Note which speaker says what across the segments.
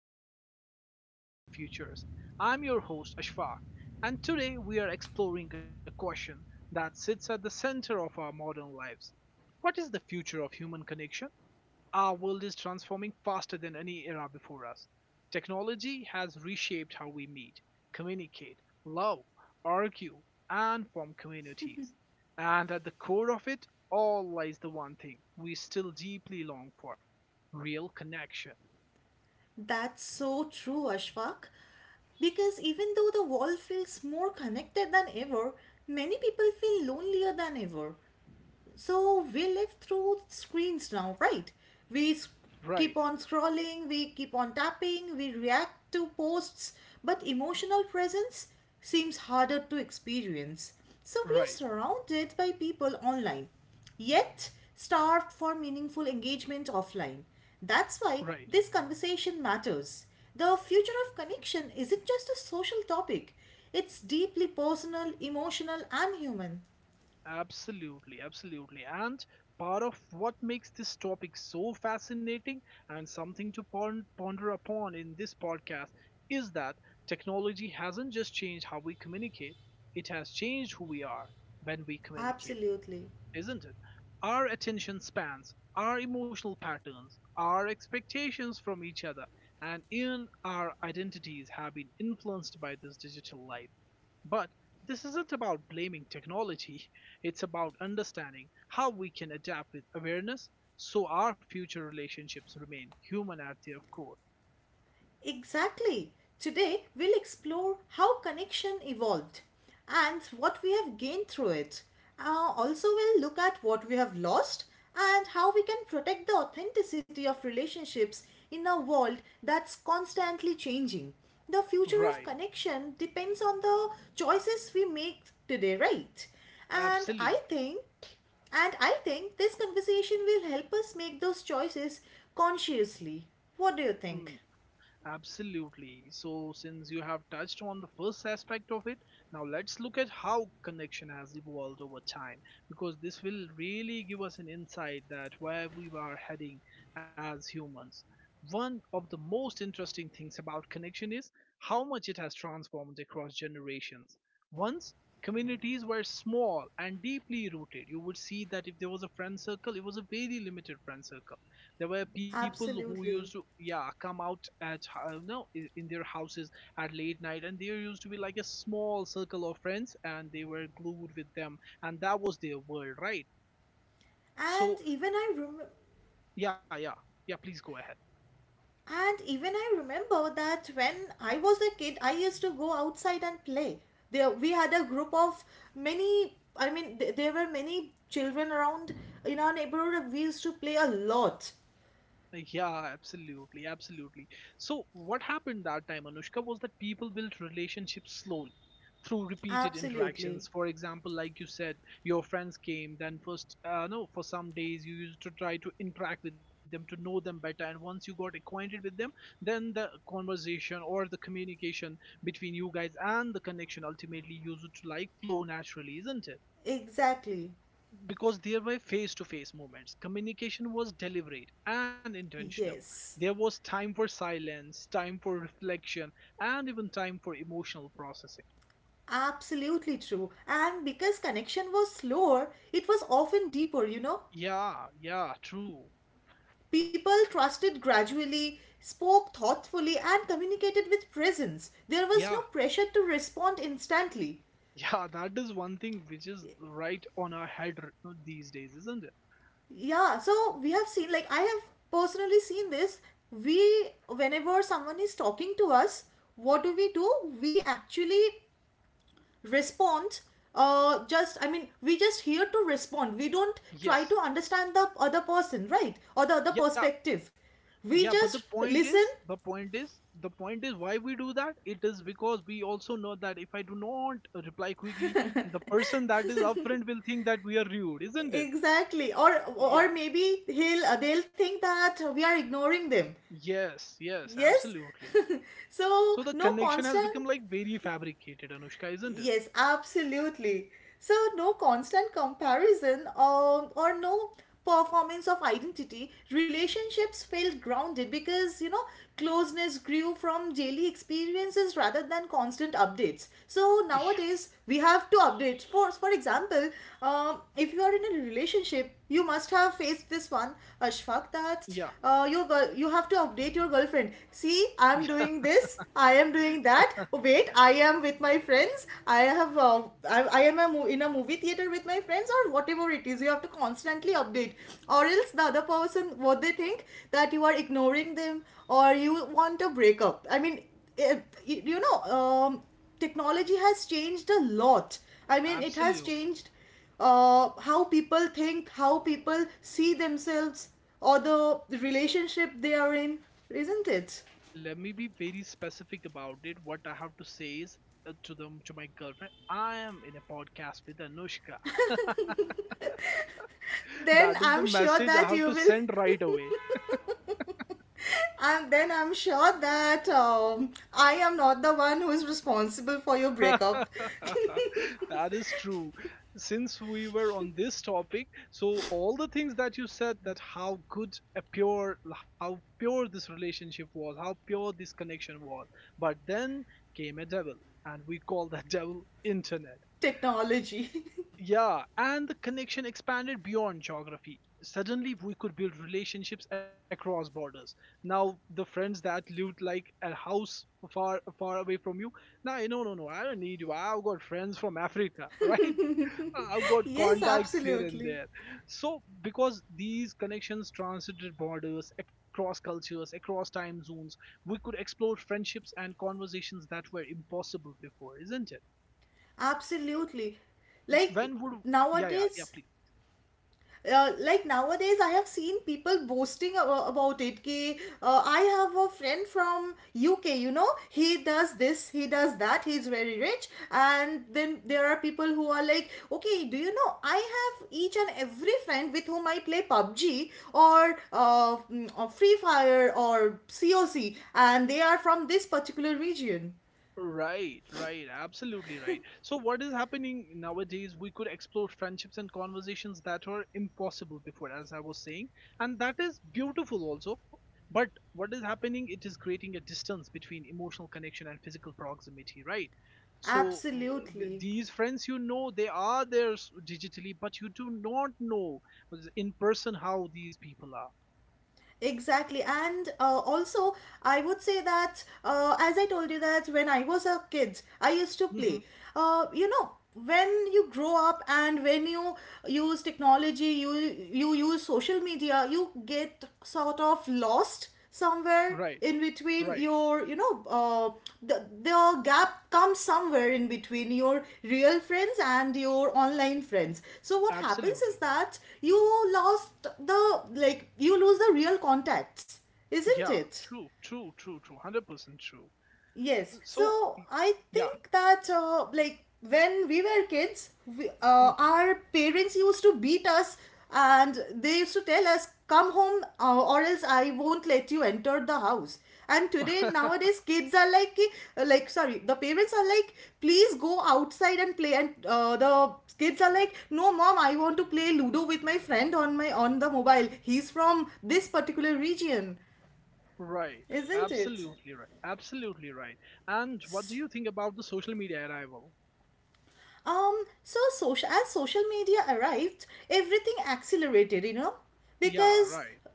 Speaker 1: of Human Stories, Human Futures. I'm your host, Ashfaq, and today we are exploring a question that sits at the center of our modern lives. What is the future of human connection? Our world is transforming faster than any era before us. Technology has reshaped how we meet, communicate, love, argue, and form communities. And at the core of it all lies the one thing we still deeply long for: real connection.
Speaker 2: That's so true, Ashfaq. Because even though the world feels more connected than ever, many people feel lonelier than ever. So we live through screens now, right? We s-
Speaker 1: Right,
Speaker 2: Keep on scrolling, we keep on tapping, we react to posts, but emotional presence seems harder to experience. So we are
Speaker 1: right,
Speaker 2: surrounded by people online, yet starved for meaningful engagement offline. That's
Speaker 1: right.
Speaker 2: why this conversation matters. The future of connection isn't just a social topic, it's deeply personal, emotional, and human.
Speaker 1: Absolutely, absolutely. And part of what makes this topic so fascinating and something to ponder upon in this podcast is that technology hasn't just changed how we communicate, it has changed who we are when we communicate,
Speaker 2: Absolutely.
Speaker 1: isn't it? Our attention spans, our emotional patterns, our expectations from each other, and even our identities have been influenced by this digital life. But this isn't about blaming technology, it's about understanding how we can adapt with awareness so our future relationships remain human at their core.
Speaker 2: Exactly. Today, we'll explore how connection evolved and what we have gained through it. Also, we'll look at what we have lost and how we can protect the authenticity of relationships in a world that's constantly changing. The future of
Speaker 1: Right,
Speaker 2: connection depends on the choices we make today, right? And I
Speaker 1: absolutely.
Speaker 2: think and I think this conversation will help us make those choices consciously. What do you
Speaker 1: Mm.
Speaker 2: think?
Speaker 1: Absolutely. So, since you have touched on the first aspect of it, now let's look at how connection has evolved over time because this will really give us an insight that where we are heading as humans. One of the most interesting things about connection is how much it has transformed across generations. Once, communities were small and deeply rooted. You would see that if there was a friend circle, it was a very limited friend circle. There were people who used to,
Speaker 2: Absolutely.
Speaker 1: yeah, come out at, no, I- in their houses at late night, and there used to be like a small circle of friends, and they were glued with them, and that was their world, right?
Speaker 2: And
Speaker 1: So,
Speaker 2: even I rem-
Speaker 1: yeah, yeah, yeah, please go ahead.
Speaker 2: and even I remember that when I was a kid, I used to go outside and play. There we had a group of many. I mean, there were many children around in our neighborhood. We used to play a lot.
Speaker 1: Yeah, absolutely, absolutely. So, what happened that time, Anushka, was that people built relationships slowly through repeated
Speaker 2: Absolutely.
Speaker 1: interactions. For example, like you said, your friends came, then first, no, for some days you used to try to interact with them to know them better, and once you got acquainted with them, then the conversation or the communication between you guys and the connection ultimately used to like flow naturally, isn't it?
Speaker 2: Exactly.
Speaker 1: Because there were face to face moments. Communication was deliberate and intentional. There
Speaker 2: Yes.
Speaker 1: was time for silence, time for reflection, and even time for emotional processing.
Speaker 2: Absolutely true. And because connection was slower, it was often deeper, you know?
Speaker 1: Yeah, yeah, true.
Speaker 2: People trusted gradually, spoke thoughtfully, and communicated with presence. There was
Speaker 1: Yeah,
Speaker 2: no pressure to respond instantly.
Speaker 1: yeah, that is one thing which is right on our head these days, isn't it?
Speaker 2: Yeah, so we have seen, like, I have personally seen this. We, whenever someone is talking to us, what do? We actually respond. Just I mean, we just here to respond. We don't try to
Speaker 1: Yes.
Speaker 2: understand the other person, right, or the other
Speaker 1: Yeah.
Speaker 2: perspective, we
Speaker 1: Yeah, but
Speaker 2: just
Speaker 1: the point
Speaker 2: listen.
Speaker 1: is, the point is, the point is why we do that? It is because we also know that if I do not reply quickly, the person that is upfront will think that we are rude, isn't it?
Speaker 2: Exactly. Or
Speaker 1: Yeah.
Speaker 2: maybe he'll they'll think that we are ignoring them.
Speaker 1: Yes. Yes. Absolutely.
Speaker 2: Yes. So
Speaker 1: So the
Speaker 2: no
Speaker 1: connection has
Speaker 2: constant.
Speaker 1: become like very fabricated, Anushka, isn't it?
Speaker 2: Yes, absolutely. So, no constant comparison or no performance of identity, relationships felt grounded because, you know, closeness grew from daily experiences rather than constant updates. So,
Speaker 1: Yeah.
Speaker 2: nowadays, we have to update. For example, if you are in a relationship, you must have faced this one, Ashfaq, that
Speaker 1: Yeah.
Speaker 2: your girl, you have to update your girlfriend. See, I'm
Speaker 1: Yeah.
Speaker 2: doing this, I am doing that, wait, I am with my friends, i have uh, I am a in a movie theater with my friends, or whatever it is, you have to constantly update, or else the other person, what they think, that you are ignoring them, or you want a breakup. I mean, it, you know, technology has changed a lot. I mean, it has
Speaker 1: Absolutely.
Speaker 2: changed how people think, how people see themselves, or the relationship they are in, isn't it?
Speaker 1: Let me be very specific about it. What I have to say is to them, to my girlfriend, I am in a podcast with Anushka.
Speaker 2: Then
Speaker 1: That is the
Speaker 2: I'm sure
Speaker 1: message I
Speaker 2: that
Speaker 1: have
Speaker 2: you
Speaker 1: to
Speaker 2: will.
Speaker 1: send right away.
Speaker 2: And then I'm sure that I am not the one who is responsible for your breakup.
Speaker 1: That is true. Since we were on this topic, so all the things that you said, that how good a pure, how pure this relationship was, how pure this connection was. But then came a devil, and we call that devil internet.
Speaker 2: Technology.
Speaker 1: Yeah, and the connection expanded beyond geography. Suddenly, we could build relationships across borders. Now, the friends that lived like a house far, far away from you, now, no, no, no, I don't need you. I've got friends from Africa, right? I've got
Speaker 2: Yes,
Speaker 1: contacts here and
Speaker 2: absolutely.
Speaker 1: there. So, because these connections transcended borders, across cultures, across time zones, we could explore friendships and conversations that were impossible before, isn't it?
Speaker 2: Absolutely. Like
Speaker 1: When would yeah, yeah, yeah,
Speaker 2: nowadays,
Speaker 1: please.
Speaker 2: like nowadays I have seen people boasting about it ki I have a friend from UK, you know, he does this, he does that, he's very rich. And then there are people who are like, okay, do you know, I have each and every friend with whom I play PUBG, or or Free Fire, or COC, and they are from this particular region.
Speaker 1: Right, right, absolutely right. So, what is happening nowadays? We could explore friendships and conversations that were impossible before, as I was saying, and that is beautiful also. But what is happening? It is creating a distance between emotional connection and physical proximity, right? So,
Speaker 2: Absolutely.
Speaker 1: these friends, you know, they are there digitally, but you do not know in person how these people are.
Speaker 2: Exactly. And also, I would say that, as I told you, that when I was a kid, I used to
Speaker 1: Hmm.
Speaker 2: play. You know, when you grow up and when you use technology, you you use social media, you get sort of lost somewhere
Speaker 1: Right,
Speaker 2: in between
Speaker 1: right,
Speaker 2: your, you know, the gap comes somewhere in between your real friends and your online friends. So what happens
Speaker 1: absolutely.
Speaker 2: is that you lost the, like you lose the real contacts, isn't
Speaker 1: Yeah,
Speaker 2: it?
Speaker 1: true, true, true, true, 100% true.
Speaker 2: Yes.
Speaker 1: So,
Speaker 2: So
Speaker 1: y-
Speaker 2: I
Speaker 1: yeah.
Speaker 2: think that like when we were kids, we,
Speaker 1: Mhm.
Speaker 2: our parents used to beat us, and they used to tell us, come home, or else I won't let you enter the house. And today, nowadays, kids are like like, sorry, the parents are like, please go outside and play, and the kids are like, no mom, I want to play ludo with my friend on my, on the mobile. He's from this particular region.
Speaker 1: Right.
Speaker 2: Isn't it?
Speaker 1: Absolutely right. Absolutely right. And what do you think about the social media arrival?
Speaker 2: So social media arrived, everything accelerated, you know,
Speaker 1: Yeah,
Speaker 2: because
Speaker 1: right.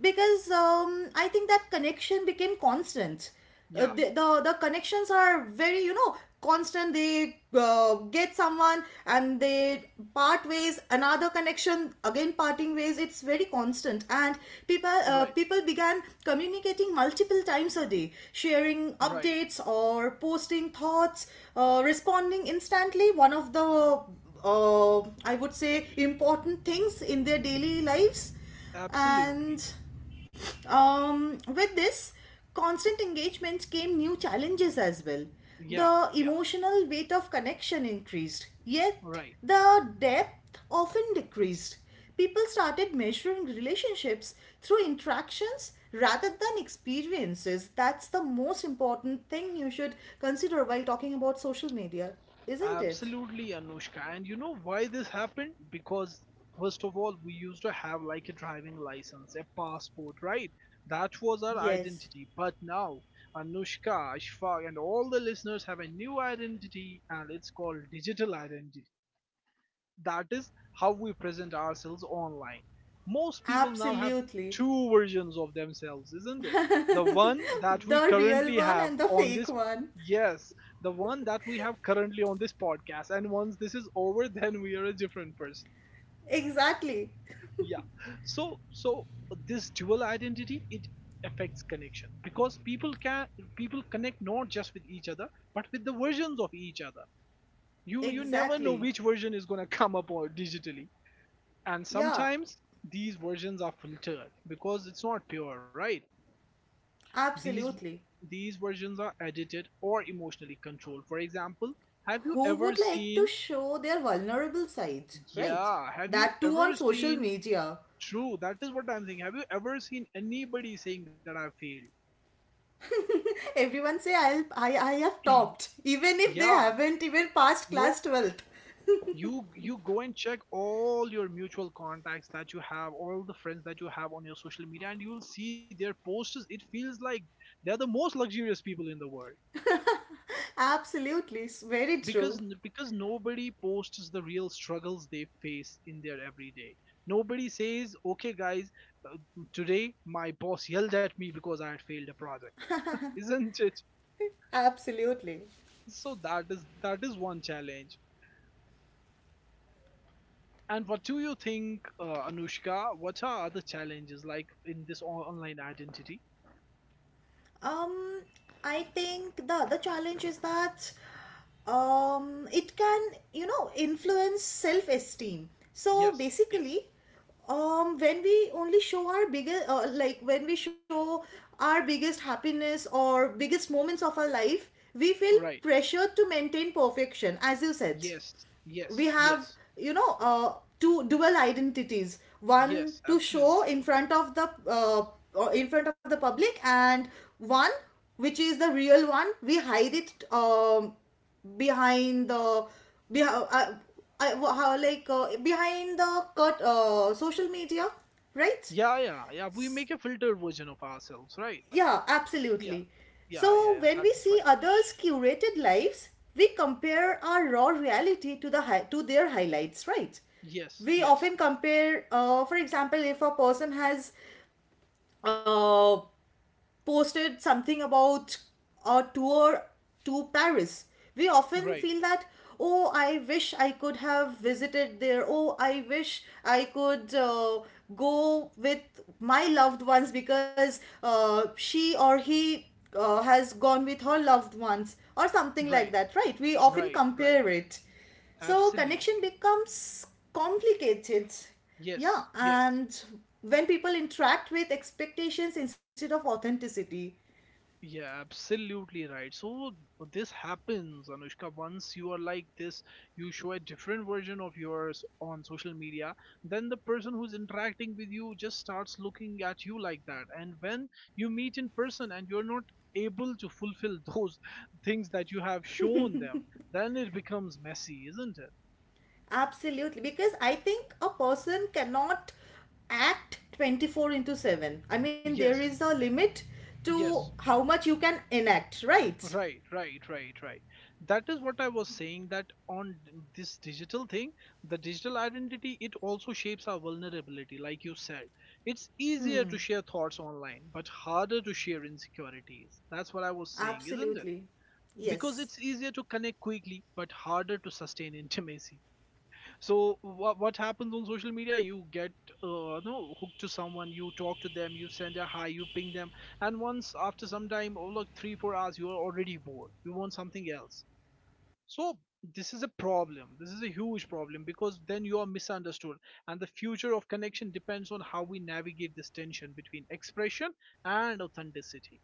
Speaker 2: because I think that connection became constant.
Speaker 1: Yeah,
Speaker 2: The connections are very, you know, constant. They get someone and they part ways. Another connection again parting ways. It's very constant, and
Speaker 1: right.
Speaker 2: people began communicating multiple times a day, sharing
Speaker 1: Right.
Speaker 2: updates or posting thoughts, responding instantly. One of the I would say important things in their daily lives, and
Speaker 1: Absolutely.
Speaker 2: with this constant engagement came new challenges as well.
Speaker 1: Yeah,
Speaker 2: The
Speaker 1: yeah.
Speaker 2: emotional weight of connection increased, yet
Speaker 1: Right.
Speaker 2: the depth often decreased. People started measuring relationships through interactions rather than experiences. That's the most important thing you should consider while talking about social media, isn't it?
Speaker 1: Absolutely, Anushka. And you know why this happened? Because first of all, we used to have like a driving license, a passport, right? That was our
Speaker 2: Yes,
Speaker 1: identity. But now, Anushka, Ashfaq, and all the listeners have a new identity, and it's called digital identity. That is how we present ourselves online. Most people now have
Speaker 2: absolutely.
Speaker 1: two versions of themselves, isn't it? The one that we
Speaker 2: The real
Speaker 1: currently
Speaker 2: one
Speaker 1: have
Speaker 2: and the
Speaker 1: on
Speaker 2: fake
Speaker 1: this.
Speaker 2: one.
Speaker 1: Yes. The one that we have currently on this podcast, and once this is over, then we are a different person.
Speaker 2: Exactly.
Speaker 1: Yeah. So this dual identity, it affects connection, because people can, people connect not just with each other, but with the versions of each other. You never know
Speaker 2: Exactly.
Speaker 1: which version is going to come up or digitally. And
Speaker 2: Yeah,
Speaker 1: sometimes these versions are filtered because it's not pure, right? these
Speaker 2: absolutely.
Speaker 1: these versions are edited or emotionally controlled. For example, have you
Speaker 2: Who
Speaker 1: ever
Speaker 2: would like
Speaker 1: seen,
Speaker 2: to show their vulnerable sides, right?
Speaker 1: yeah, have you
Speaker 2: That too
Speaker 1: ever
Speaker 2: on social
Speaker 1: seen,
Speaker 2: media.
Speaker 1: true, that is what I'm saying, have you ever seen anybody saying that I failed?
Speaker 2: Everyone say I'll I have topped, even if they
Speaker 1: Yeah.
Speaker 2: haven't even passed
Speaker 1: No,
Speaker 2: class 12th.
Speaker 1: you, you go and check all your mutual contacts that you have, all the friends that you have on your social media, and you will see their posts. It feels like they're the most luxurious people in the world.
Speaker 2: Absolutely, it's very
Speaker 1: because
Speaker 2: true.
Speaker 1: because nobody posts the real struggles they face in their everyday. Nobody says, okay guys, uh, today my boss yelled at me because I had failed a project. Isn't it?
Speaker 2: Absolutely.
Speaker 1: So that is, that is one challenge. And what do you think, Anushka, what are other challenges like in this online identity?
Speaker 2: Um, I think the other challenge is that it can, you know, influence self esteem. So
Speaker 1: Yes, yes.
Speaker 2: basically, when we only show our biggest, like when we show our biggest happiness or biggest moments of our life, we feel
Speaker 1: Right.
Speaker 2: pressure to maintain perfection, as you said.
Speaker 1: Yes,
Speaker 2: We
Speaker 1: yes.
Speaker 2: have,
Speaker 1: Yes.
Speaker 2: you know, two dual identities, one
Speaker 1: Yes,
Speaker 2: to show
Speaker 1: absolutely.
Speaker 2: in front of the or in front of the public, and one which is the real one, we hide it, behind the, behind, I, how, like behind the cut social media, right?
Speaker 1: Yeah, yeah, yeah, we make a filtered version of ourselves, right?
Speaker 2: Yeah, absolutely.
Speaker 1: Yeah, yeah,
Speaker 2: So
Speaker 1: yeah, yeah,
Speaker 2: when we
Speaker 1: that is
Speaker 2: see
Speaker 1: right.
Speaker 2: others' curated lives, we compare our raw reality to the to their highlights, right?
Speaker 1: Yes,
Speaker 2: We
Speaker 1: yes,
Speaker 2: often compare, for example, if a person has uh, posted something about a tour to Paris. We often
Speaker 1: right,
Speaker 2: feel that, oh, I wish I could have visited there. Oh, I wish I could go with my loved ones, because she or he has gone with her loved ones or something like
Speaker 1: right,
Speaker 2: that, right? We often
Speaker 1: right, right.
Speaker 2: compare it. So connection
Speaker 1: Absolutely.
Speaker 2: becomes complicated. Yeah,
Speaker 1: Yes, yes.
Speaker 2: and when people interact with expectations instead of authenticity.
Speaker 1: Yeah, absolutely right. So this happens, Anushka. Once you are like this, you show a different version of yours on social media, then the person who's interacting with you just starts looking at you like that. And when you meet in person and you're not able to fulfill those things that you have shown them, then it becomes messy, isn't it?
Speaker 2: Absolutely. Because I think a person cannot act 24 into 7. I mean, there is
Speaker 1: Yes,
Speaker 2: a limit to
Speaker 1: yes,
Speaker 2: how much you can enact, right?
Speaker 1: right, right, right, right. That is what I was saying, that on this digital thing, the digital identity, it also shapes our vulnerability, like you said. It's easier to share thoughts online, but harder to share insecurities. That's what I was saying, isn't it?
Speaker 2: Absolutely.
Speaker 1: Because
Speaker 2: Yes.
Speaker 1: it's easier to connect quickly, but harder to sustain intimacy. So what happens on social media? You get, no hooked to someone, you talk to them, you send a hi, you ping them, and once after some time, oh, like 3 4 hours, you are already bored, you want something else. So this is a problem. This is a huge problem, because then you are misunderstood. And the future of connection depends on how we navigate this tension between expression and authenticity.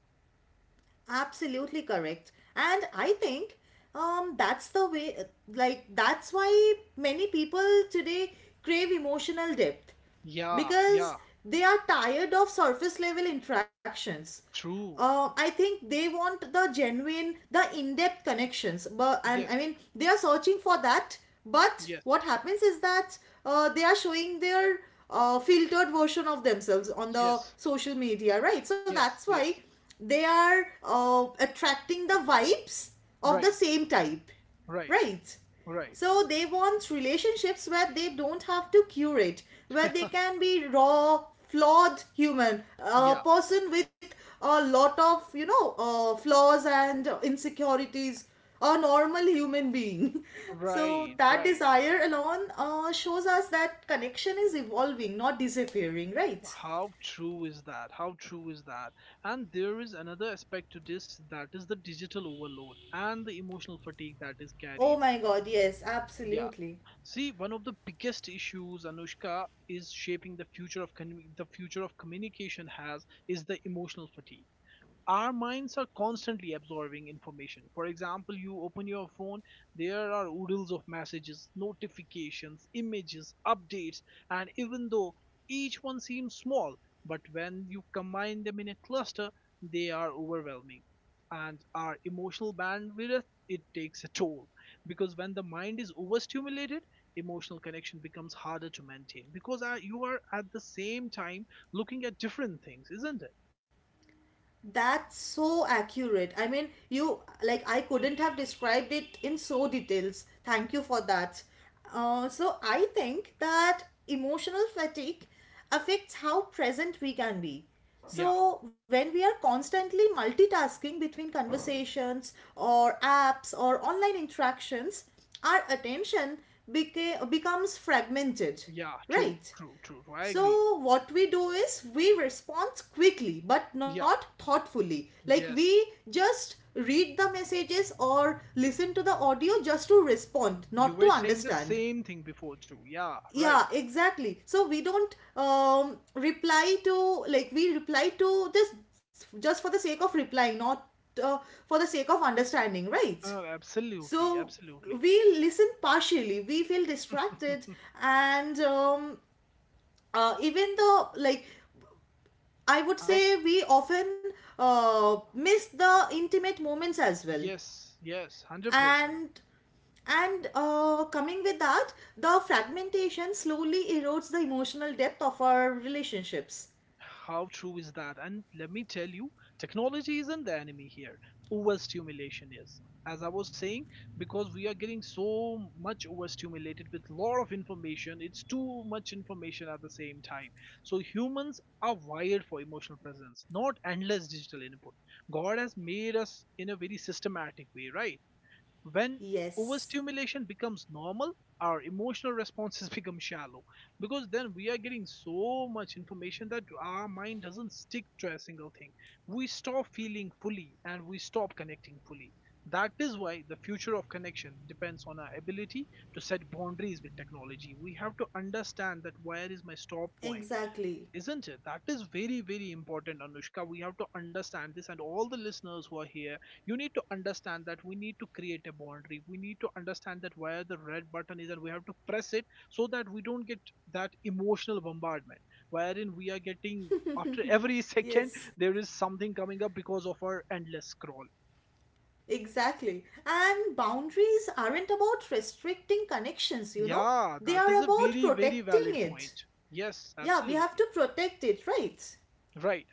Speaker 2: Absolutely correct. And I think that's the way, like, that's why many people today crave emotional depth
Speaker 1: Yeah,
Speaker 2: because
Speaker 1: yeah,
Speaker 2: they are tired of surface level interactions.
Speaker 1: true.
Speaker 2: I think they want the genuine, the in depth connections. But, and I
Speaker 1: Yes,
Speaker 2: mean, they are searching for that. But
Speaker 1: yes,
Speaker 2: what happens is that they are showing their filtered version of themselves on the
Speaker 1: yes,
Speaker 2: social media, right? So that's
Speaker 1: yes,
Speaker 2: why
Speaker 1: yes,
Speaker 2: they are attracting the vibes of the
Speaker 1: right,
Speaker 2: same type,
Speaker 1: right,
Speaker 2: right?
Speaker 1: right.
Speaker 2: So they want relationships where they don't have to curate, where they can be raw, flawed human, a
Speaker 1: Yeah.
Speaker 2: person with a lot of, you know, flaws and insecurities, a normal human being. So
Speaker 1: Right,
Speaker 2: that
Speaker 1: right.
Speaker 2: desire alone shows us that connection is evolving, not disappearing, right?
Speaker 1: How true is that? How true is that? And there is another aspect to this, that is the digital overload and the emotional fatigue that is
Speaker 2: Oh
Speaker 1: carries.
Speaker 2: my god, yes,
Speaker 1: Yeah.
Speaker 2: absolutely.
Speaker 1: See, one of the biggest issues, Anushka, is shaping the future of the future of communication has is the emotional fatigue. Our minds are constantly absorbing information. For example, you open your phone, there are oodles of messages, notifications, images, updates, and even though each one seems small, but when you combine them in a cluster, they are overwhelming. And our emotional bandwidth, it takes a toll. Because when the mind is overstimulated, emotional connection becomes harder to maintain. Because you are at the same time looking at different things, isn't it?
Speaker 2: That's so accurate. I mean, you, like, I couldn't have described it in so details. Thank you for that. So I think that emotional fatigue affects how present we can be.
Speaker 1: Yeah.
Speaker 2: So when we are constantly multitasking between conversations or apps or online interactions, our attention becomes fragmented,
Speaker 1: Yeah, true,
Speaker 2: right?
Speaker 1: true, true, true. I agree.
Speaker 2: So, what we do is we respond quickly but not
Speaker 1: Yeah,
Speaker 2: thoughtfully. Like,
Speaker 1: yes.
Speaker 2: we just read the messages or listen to the audio just to respond,
Speaker 1: You
Speaker 2: not to
Speaker 1: were saying the
Speaker 2: understand.
Speaker 1: same thing before too. Yeah,
Speaker 2: Yeah,
Speaker 1: right.
Speaker 2: exactly. So, we don't reply to, like, we reply to just for the sake of replying, not uh, for the sake of understanding, right?
Speaker 1: Absolutely,
Speaker 2: So,
Speaker 1: absolutely.
Speaker 2: we listen partially, we feel distracted, and even the, like, I would
Speaker 1: I
Speaker 2: say we often miss the intimate moments as well.
Speaker 1: yes, yes, 100%.
Speaker 2: And coming with that, the fragmentation slowly erodes the emotional depth of our relationships.
Speaker 1: How true is that? And let me tell you, technology isn't the enemy here. Overstimulation is. As I was saying, because we are getting so much overstimulated with a lot of information, it's too much information at the same time. So humans are wired for emotional presence, not endless digital input. God has made us in a very systematic way, right? When
Speaker 2: Yes,
Speaker 1: overstimulation becomes normal, our emotional responses become shallow, because then we are getting so much information that our mind doesn't stick to a single thing. We stop feeling fully and we stop connecting fully. That is why the future of connection depends on our ability to set boundaries with technology. We have to understand that where is my stop point.
Speaker 2: exactly.
Speaker 1: Isn't it? That is very, very important, Anushka. We have to understand this, and all the listeners who are here, you need to understand that we need to create a boundary. We need to understand that where the red button is, and we have to press it so that we don't get that emotional bombardment, wherein we are getting after every second
Speaker 2: Yes,
Speaker 1: there is something coming up because of our endless scroll.
Speaker 2: exactly. And boundaries aren't about restricting connections, you know,
Speaker 1: Yeah,
Speaker 2: they
Speaker 1: that is
Speaker 2: are
Speaker 1: a
Speaker 2: about
Speaker 1: very, very
Speaker 2: protecting
Speaker 1: valid
Speaker 2: it.
Speaker 1: point. Yes,
Speaker 2: Yeah, we have
Speaker 1: absolutely.
Speaker 2: to protect it, right?
Speaker 1: Right,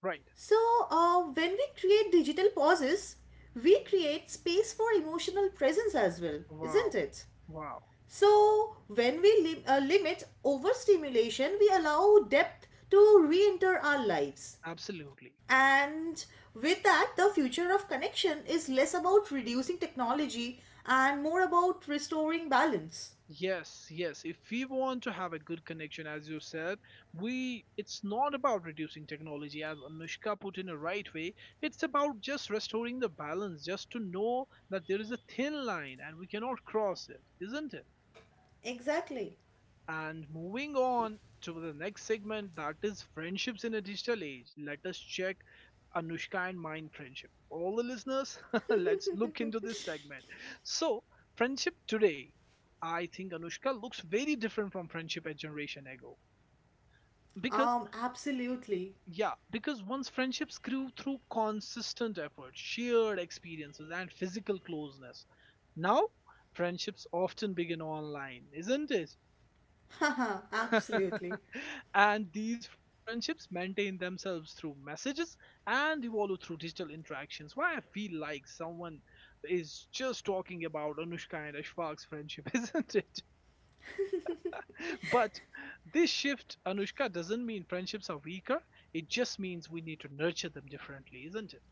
Speaker 1: right.
Speaker 2: So, when we create digital pauses, we create space for emotional presence as well, isn't
Speaker 1: Wow,
Speaker 2: it?
Speaker 1: wow,
Speaker 2: So, when we limit overstimulation, we allow depth to re enter our lives.
Speaker 1: absolutely.
Speaker 2: And with that, the future of connection is less about reducing technology and more about restoring balance.
Speaker 1: Yes, yes. If we want to have a good connection, as you said, we it's not about reducing technology, as Anushka put in a right way. It's about just restoring the balance, just to know that there is a thin line and we cannot cross it, isn't it?
Speaker 2: Exactly.
Speaker 1: And moving on to the next segment, that is friendships in a digital age. Let us check Anushka and mine friendship. All the listeners, let's look into this segment. So, friendship today, I think Anushka looks very different from friendship a generation ago. Because,
Speaker 2: Absolutely.
Speaker 1: yeah, because once friendships grew through consistent effort, shared experiences, and physical closeness. Now, friendships often begin online, isn't it?
Speaker 2: Haha, absolutely.
Speaker 1: And these friendships maintain themselves through messages and evolve through digital interactions. Why I feel like someone is just talking about Anushka and Ashfaq's friendship, isn't it? But this shift, Anushka, doesn't mean friendships are weaker. It just means we need to nurture them differently, isn't it?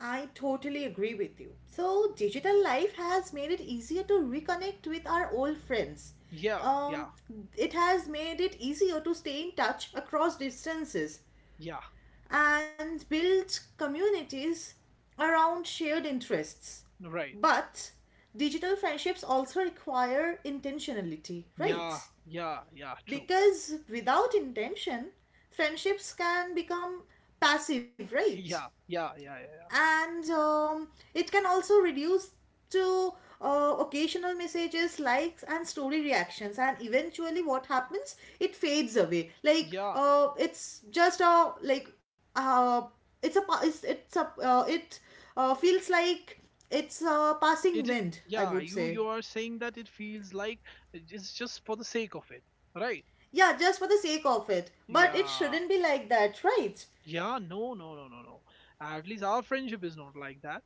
Speaker 2: I totally agree with you. So, digital life has made it easier to reconnect with our old friends.
Speaker 1: Yeah, yeah,
Speaker 2: Um, it has made it easier to stay in touch across distances
Speaker 1: yeah,
Speaker 2: and build communities around shared interests.
Speaker 1: right.
Speaker 2: But digital friendships also require intentionality,
Speaker 1: Yeah,
Speaker 2: right?
Speaker 1: yeah, yeah, true.
Speaker 2: Because without intention, friendships can become passive, right?
Speaker 1: Yeah, yeah, yeah, yeah, yeah.
Speaker 2: And it can also reduce to occasional messages, likes, and story reactions, and eventually what happens, it fades away, like
Speaker 1: Yeah,
Speaker 2: it's just a like. uh, it's a pa- it's a it feels like it's a passing
Speaker 1: it is,
Speaker 2: wind, I
Speaker 1: yeah,
Speaker 2: would
Speaker 1: you
Speaker 2: say.
Speaker 1: you are saying that it feels like it's just for the sake of it, right?
Speaker 2: Yeah, just for the sake of it, but it
Speaker 1: Yeah,
Speaker 2: shouldn't be like that, right?
Speaker 1: yeah. No, no, no, no, no, at least our friendship is not like that.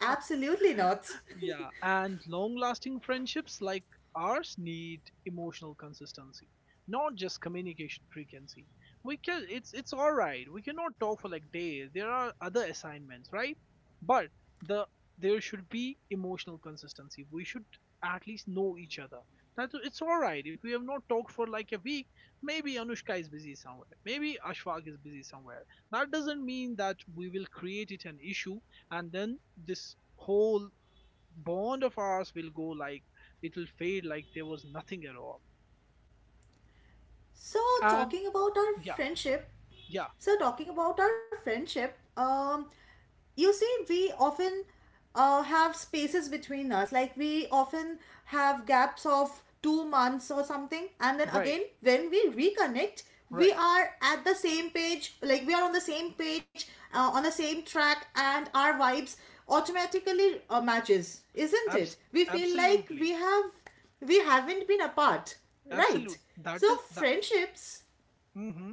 Speaker 2: Absolutely not.
Speaker 1: Yeah, and long lasting friendships like ours need emotional consistency, not just communication frequency. We can it's all right. We cannot talk for like days. There are other assignments, right? But the there should be emotional consistency. We should at least know each other. That it's all right if we have not talked for like a week. Maybe Anushka is busy somewhere. Maybe Ashfaq is busy somewhere. That doesn't mean that we will create it an issue and then this whole bond of ours will go like it'll fade like there was nothing at all.
Speaker 2: so,
Speaker 1: And
Speaker 2: talking about our
Speaker 1: yeah,
Speaker 2: friendship,
Speaker 1: yeah,
Speaker 2: So, talking about our friendship, you see, we often have spaces between us. Like, we often have gaps of 2 months or something. And then again,
Speaker 1: right,
Speaker 2: when we reconnect, we
Speaker 1: right.
Speaker 2: are at the same page. Like, we are on the same page, on the same track, and our vibes automatically matches, isn't it?
Speaker 1: Abs-
Speaker 2: We feel like we
Speaker 1: Absolutely,
Speaker 2: have we haven't been apart,
Speaker 1: absolute.
Speaker 2: right?
Speaker 1: That
Speaker 2: So
Speaker 1: is that.
Speaker 2: friendships
Speaker 1: Mm-hmm.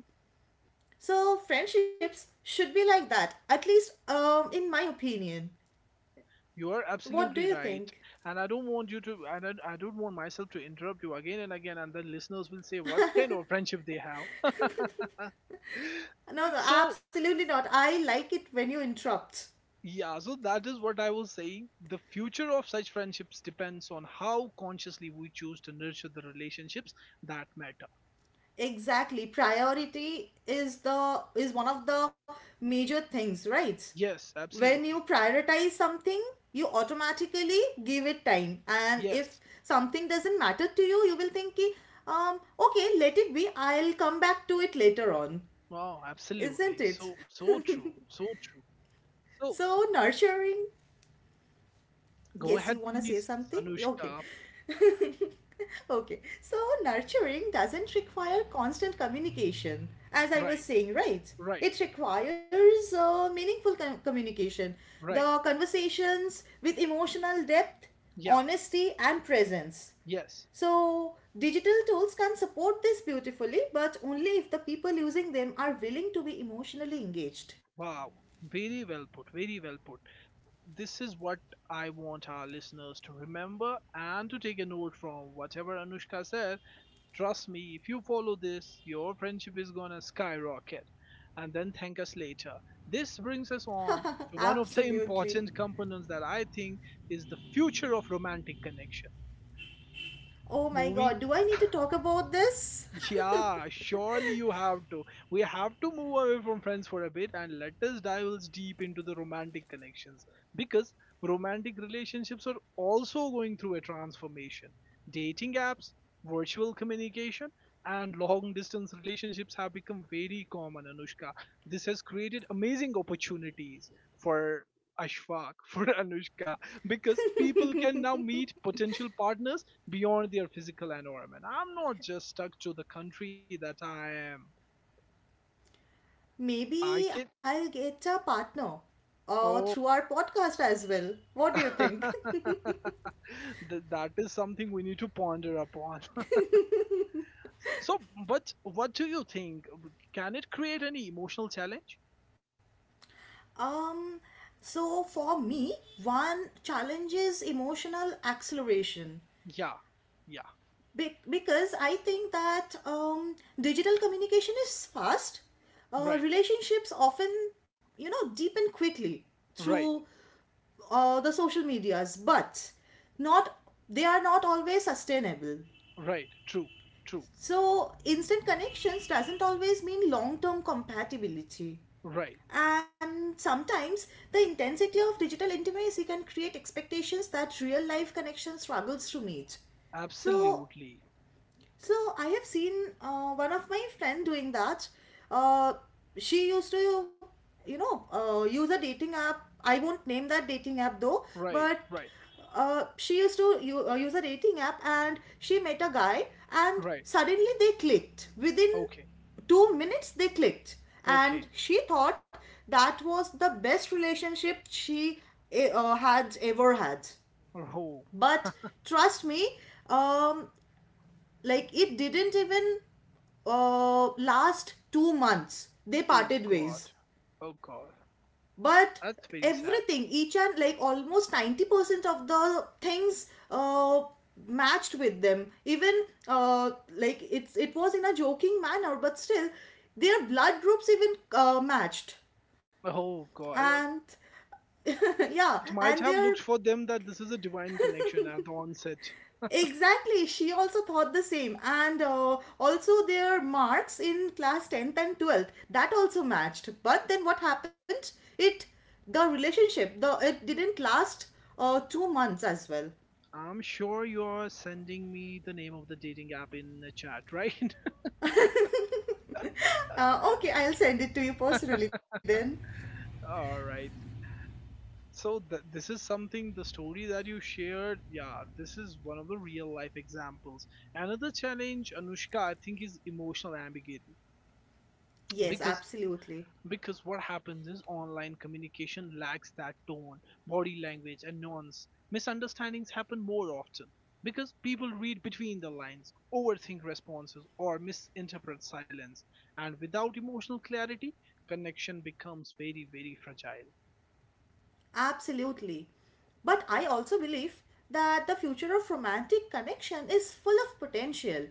Speaker 2: so friendships should be like that, at least in my opinion.
Speaker 1: You are
Speaker 2: What
Speaker 1: absolutely
Speaker 2: do you
Speaker 1: right,
Speaker 2: think?
Speaker 1: and I don't want you to. And I don't want myself to interrupt you again and again, and the listeners will say what kind of friendship they have.
Speaker 2: No, no,
Speaker 1: so
Speaker 2: absolutely not. I like it when you interrupt.
Speaker 1: yeah, so that is what I was saying. The future of such friendships depends on how consciously we choose to nurture the relationships that matter.
Speaker 2: Exactly. Priority is one of the major things, right?
Speaker 1: Yes,
Speaker 2: When you
Speaker 1: absolutely.
Speaker 2: prioritize something, you automatically give it time, and if
Speaker 1: Yes.
Speaker 2: something doesn't matter to you, you will think ki, okay, let it be, I'll come back to it later on,
Speaker 1: Wow,
Speaker 2: isn't
Speaker 1: absolutely.
Speaker 2: it?
Speaker 1: So true. So true. So
Speaker 2: So nurturing.
Speaker 1: go
Speaker 2: Yes, you
Speaker 1: ahead
Speaker 2: want to say
Speaker 1: please,
Speaker 2: something? Okay.
Speaker 1: Anushka.
Speaker 2: Okay. So, nurturing doesn't require constant communication, as I was
Speaker 1: Right,
Speaker 2: saying, right?
Speaker 1: right,
Speaker 2: It requires communication,
Speaker 1: right.
Speaker 2: the conversations with emotional depth,
Speaker 1: Yeah,
Speaker 2: honesty, and presence.
Speaker 1: yes.
Speaker 2: So, digital tools can support this beautifully, but only if the people using them are willing to be emotionally engaged.
Speaker 1: Wow. Very well put, very well put. This is what I want our listeners to remember and to take a note from whatever Anushka said. Trust me, if you follow this, your friendship is gonna skyrocket and then thank us later. This brings us on to one of the
Speaker 2: Absolutely.
Speaker 1: important components that I think is the future of romantic connection.
Speaker 2: Oh my god,
Speaker 1: Moving
Speaker 2: do I need to talk about this?
Speaker 1: Yeah, surely you have to. We have to move away from friends for a bit and let us dive deep into the romantic connections, because romantic relationships are also going through a transformation. Dating apps, virtual communication, and long distance relationships have become very common, Anushka. This has created amazing opportunities for Ashfaq, for Anushka, because people can now meet potential partners beyond their physical environment. I'm not just stuck to the country that I am. I
Speaker 2: Maybe
Speaker 1: can.
Speaker 2: I'll get a partner through
Speaker 1: Oh.
Speaker 2: our podcast as well. What do you think?
Speaker 1: That is something we need to ponder upon. so, but what do you think? Can it create any emotional challenge?
Speaker 2: um, so, for me, one challenge is emotional acceleration.
Speaker 1: Yeah, yeah,
Speaker 2: Because I think that digital communication is fast.
Speaker 1: right,
Speaker 2: Relationships often, you know, deepen quickly
Speaker 1: right,
Speaker 2: through the social medias, but not they are not always sustainable.
Speaker 1: right, true, true,
Speaker 2: So instant connections doesn't always mean long-term compatibility.
Speaker 1: right,
Speaker 2: And sometimes the intensity of digital intimacy can create expectations that real life connection struggles to meet. So
Speaker 1: absolutely,
Speaker 2: so I have seen one of my friend doing that. Uh, she used to, you know, use a dating app. I won't name that dating app though,
Speaker 1: right,
Speaker 2: but
Speaker 1: right,
Speaker 2: she used to use a dating app and she met a guy and
Speaker 1: right,
Speaker 2: suddenly they clicked. Within
Speaker 1: okay,
Speaker 2: 2 minutes, they clicked. And
Speaker 1: okay.
Speaker 2: she thought that was the best relationship she had ever had.
Speaker 1: Oh,
Speaker 2: But trust me, um, like it didn't even last 2 months, they
Speaker 1: oh
Speaker 2: parted
Speaker 1: God,
Speaker 2: ways.
Speaker 1: oh God,
Speaker 2: But
Speaker 1: that's very sad.
Speaker 2: everything, each, and like almost 90% of the things matched with them, even uh, like, it's it was in a joking manner, but still their blood groups even matched,
Speaker 1: Oh God,
Speaker 2: and yeah,
Speaker 1: it might
Speaker 2: and
Speaker 1: have looked
Speaker 2: their.
Speaker 1: for them that this is a divine connection at the onset.
Speaker 2: Exactly, she also thought the same, and also their marks in class 10th and 12th, that also matched. But then what happened? It The relationship, the it didn't last 2 months as well.
Speaker 1: I'm sure you're sending me the name of the dating app in the chat, right?
Speaker 2: Okay, I'll send it to you personally then.
Speaker 1: All right. So this is something the story that you shared, yeah, this is one of the real life examples. Another challenge, Anushka, I think is emotional ambiguity
Speaker 2: Yes,
Speaker 1: because
Speaker 2: absolutely.
Speaker 1: Because what happens is online communication lacks that tone, body language, and nuance. Misunderstandings happen more often because people read between the lines, overthink responses, or misinterpret silence. And without emotional clarity, connection becomes very, very fragile.
Speaker 2: Absolutely. But I also believe that the future of romantic connection is full of potential.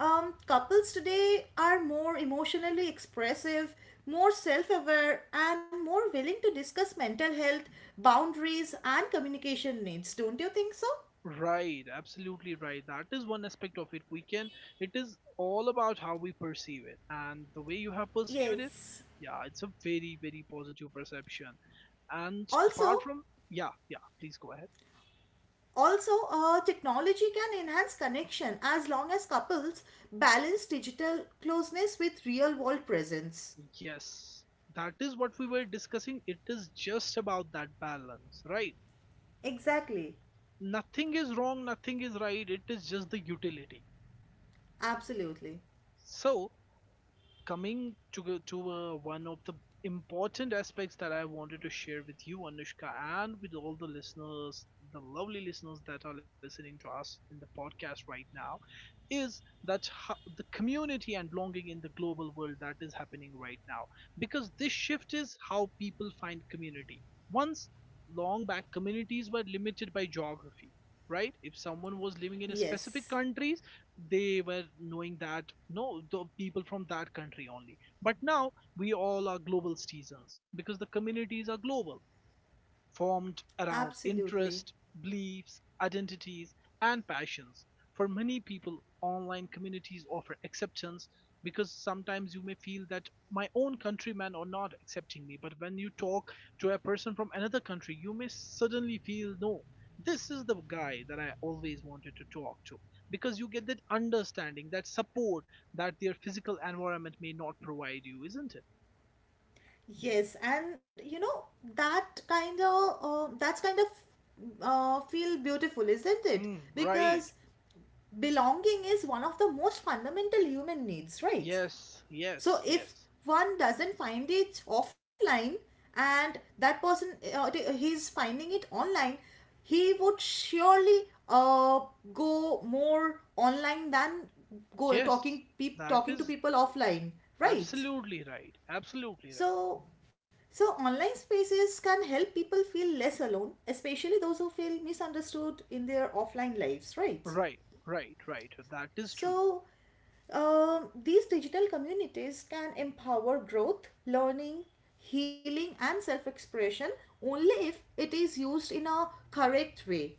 Speaker 2: Couples today are more emotionally expressive, more self aware, and more willing to discuss mental health, boundaries, and communication needs. Don't you think so?
Speaker 1: Right, absolutely right. That is one aspect of it. It is all about how we perceive it. And the way you have perceived it,
Speaker 2: Yes.
Speaker 1: yeah, it's a very, very positive perception. And
Speaker 2: Also,
Speaker 1: apart from, yeah, yeah, please go ahead.
Speaker 2: Also, technology can enhance connection as long as couples balance digital closeness with real world presence.
Speaker 1: Yes, that is what we were discussing. It is just about that balance, right?
Speaker 2: Exactly.
Speaker 1: Nothing is wrong, nothing is right. It is just the utility.
Speaker 2: Absolutely.
Speaker 1: So, coming to one of the important aspects that I wanted to share with you, Anushka, and with all the listeners, the lovely listeners that are listening to us in the podcast right now, is that the community and belonging in the global world that is happening right now, because this shift is how people find community. Once long back communities were limited by geography, right? If someone was living in a specific
Speaker 2: Yes.
Speaker 1: countries, they were knowing that no, the people from that country only. But now we all are global citizens, because the communities are global, formed around
Speaker 2: Absolutely.
Speaker 1: interests, beliefs, identities, and passions. For many people, online communities offer acceptance, because sometimes you may feel that my own countrymen are not accepting me. But when you talk to a person from another country, you may suddenly feel no, this is the guy that I always wanted to talk to, because you get that understanding, that support that their physical environment may not provide you, isn't it?
Speaker 2: Yes. And you know, that's kind of feel beautiful, isn't it?
Speaker 1: Mm, right.
Speaker 2: Because belonging is one of the most fundamental human needs, right?
Speaker 1: Yes,
Speaker 2: So
Speaker 1: yes,
Speaker 2: if
Speaker 1: yes.
Speaker 2: one doesn't find it offline, and that person, he's finding it online, he would surely uh, go more online than go talking
Speaker 1: Yes,
Speaker 2: peop
Speaker 1: that
Speaker 2: talking to
Speaker 1: is
Speaker 2: people offline, right?
Speaker 1: absolutely right. Absolutely right.
Speaker 2: So so online spaces can help people feel less alone, especially those who feel misunderstood in their offline lives, right?
Speaker 1: Right, right, right. That is true.
Speaker 2: So, these digital communities can empower growth, learning, healing, and self expression, only if it is used in a correct way.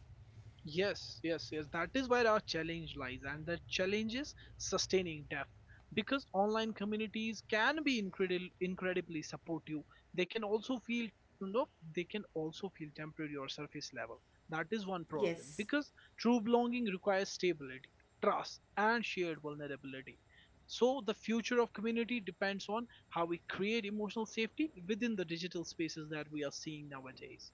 Speaker 1: Yes, yes, yes. That is where our challenge lies, and the challenge is sustaining depth, because online communities can be incredibly supportive. They can also you know, feel temporary or surface level. That is one problem,
Speaker 2: Yes,
Speaker 1: because true belonging requires stability, trust, and shared vulnerability. So the future of community depends on how we create emotional safety within the digital spaces that we are seeing nowadays.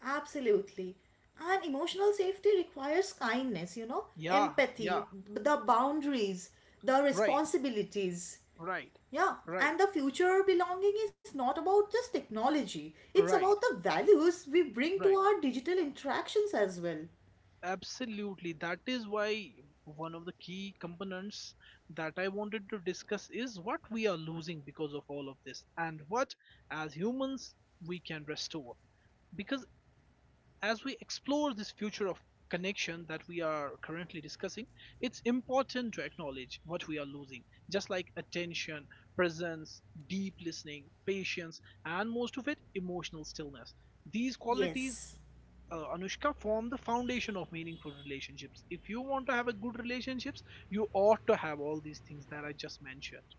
Speaker 2: absolutely. And emotional safety requires kindness, you know,
Speaker 1: Yeah, yeah,
Speaker 2: empathy, the boundaries, the
Speaker 1: right.
Speaker 2: responsibilities.
Speaker 1: Right,
Speaker 2: Yeah,
Speaker 1: right,
Speaker 2: and the future belonging is not about just technology, it's about
Speaker 1: right,
Speaker 2: the values we bring to
Speaker 1: right.
Speaker 2: our digital interactions as well.
Speaker 1: Absolutely. That is why one of the key components that I wanted to discuss is what we are losing because of all of this and what, as humans, we can restore. Because as we explore this future of connection that we are currently discussing, it's important to acknowledge what we are losing, just like attention, presence, deep listening, patience, and most of it, emotional stillness. These qualities,
Speaker 2: Yes,
Speaker 1: Anushka, form the foundation of meaningful relationships. If you want to have a good relationships, you ought to have all these things that I just mentioned.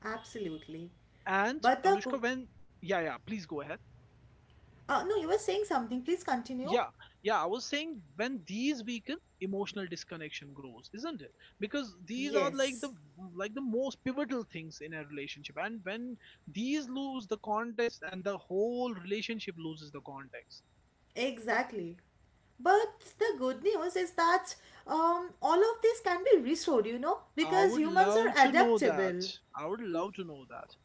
Speaker 2: absolutely.
Speaker 1: And
Speaker 2: But the cook.
Speaker 1: Anushka, when yeah, yeah, please go ahead.
Speaker 2: No, you were saying something. Please continue.
Speaker 1: Yeah, yeah, I was saying when these weaken, emotional disconnection grows, isn't it? Because these are like
Speaker 2: Yes,
Speaker 1: the like the most pivotal things in a relationship, and when these lose the context, and the whole relationship loses the context.
Speaker 2: exactly. But the good news is that all of this can be restored, you know,
Speaker 1: I
Speaker 2: because
Speaker 1: would
Speaker 2: humans
Speaker 1: love
Speaker 2: are
Speaker 1: to know
Speaker 2: adaptable.
Speaker 1: that. I would love to know that.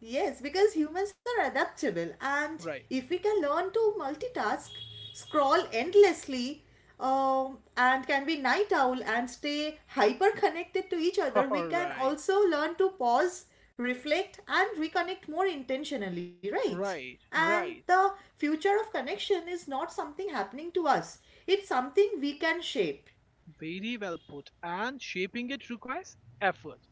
Speaker 2: Yes, because humans are adaptable, and
Speaker 1: Right.
Speaker 2: if we can learn to multitask, scroll endlessly, and can be night owl and stay hyper connected to each other,
Speaker 1: All
Speaker 2: we can
Speaker 1: right,
Speaker 2: also learn to pause, reflect, and reconnect more intentionally, right?
Speaker 1: right,
Speaker 2: And
Speaker 1: right.
Speaker 2: the future of connection is not something happening to us, it's something we can shape.
Speaker 1: Very well put. And shaping it requires effort.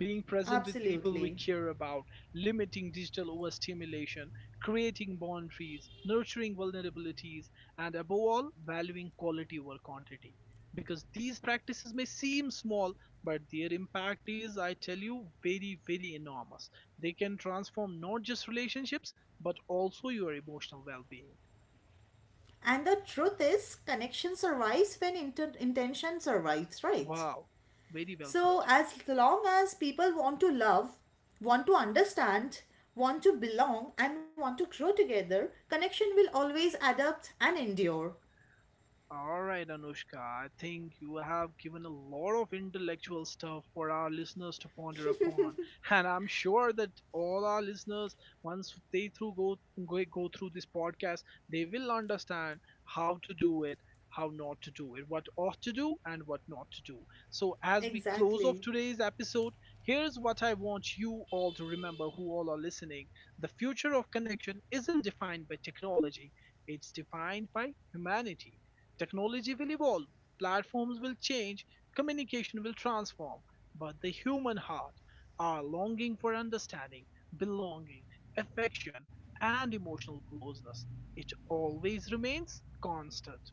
Speaker 1: Being present with people we
Speaker 2: Absolutely.
Speaker 1: care about, limiting digital overstimulation, creating boundaries, nurturing vulnerabilities, and above all, valuing quality over quantity. Because these practices may seem small, but their impact is, I tell you, very, very enormous. They can transform not just relationships, but also your emotional well being.
Speaker 2: And the truth is, connection survives when intention survives, right?
Speaker 1: Wow, very well
Speaker 2: So,
Speaker 1: put.
Speaker 2: as long as people want to love, want to understand, want to belong, and want to grow together, connection will always adapt and endure.
Speaker 1: Alright, Anushka, I think you have given a lot of intellectual stuff for our listeners to ponder upon. And I'm sure that all our listeners, once they through go, go go through this podcast, they will understand how to do it, how not to do it, what ought to do and what not to do. So as we close off
Speaker 2: Exactly.
Speaker 1: today's episode, here's what I want you all to remember who all are listening. The future of connection isn't defined by technology, it's defined by humanity. Technology will evolve, platforms will change, communication will transform, but the human heart, our longing for understanding, belonging, affection, and emotional closeness, it always remains constant.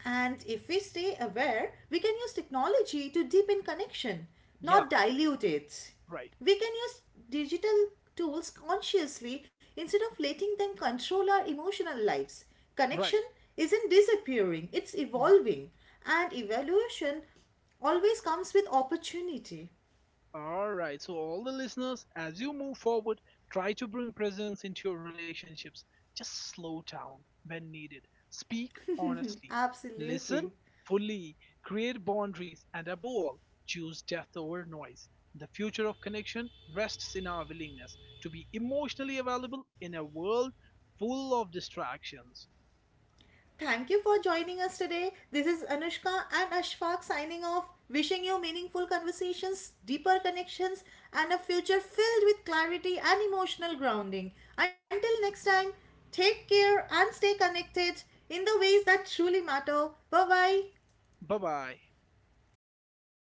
Speaker 2: And if we stay aware, we can use technology to deepen connection,
Speaker 1: Yeah,
Speaker 2: not dilute it.
Speaker 1: right,
Speaker 2: We can use digital tools consciously instead of letting them control our emotional lives. Connection
Speaker 1: right.
Speaker 2: isn't disappearing, it's evolving. And evaluation always comes with opportunity.
Speaker 1: All right, so all the listeners, as you move forward, try to bring presence into your relationships. Just slow down when needed. Speak honestly. Listen
Speaker 2: Absolutely.
Speaker 1: fully. Create boundaries. And above all, choose depth over noise. The future of connection rests in our willingness to be emotionally available in a world full of distractions.
Speaker 2: Thank you for joining us today. This is Anushka and Ashfaq signing off, wishing you meaningful conversations, deeper connections, and a future filled with clarity and emotional grounding. Until next time, take care and stay connected in the ways that truly matter. Bye bye.
Speaker 1: Bye bye.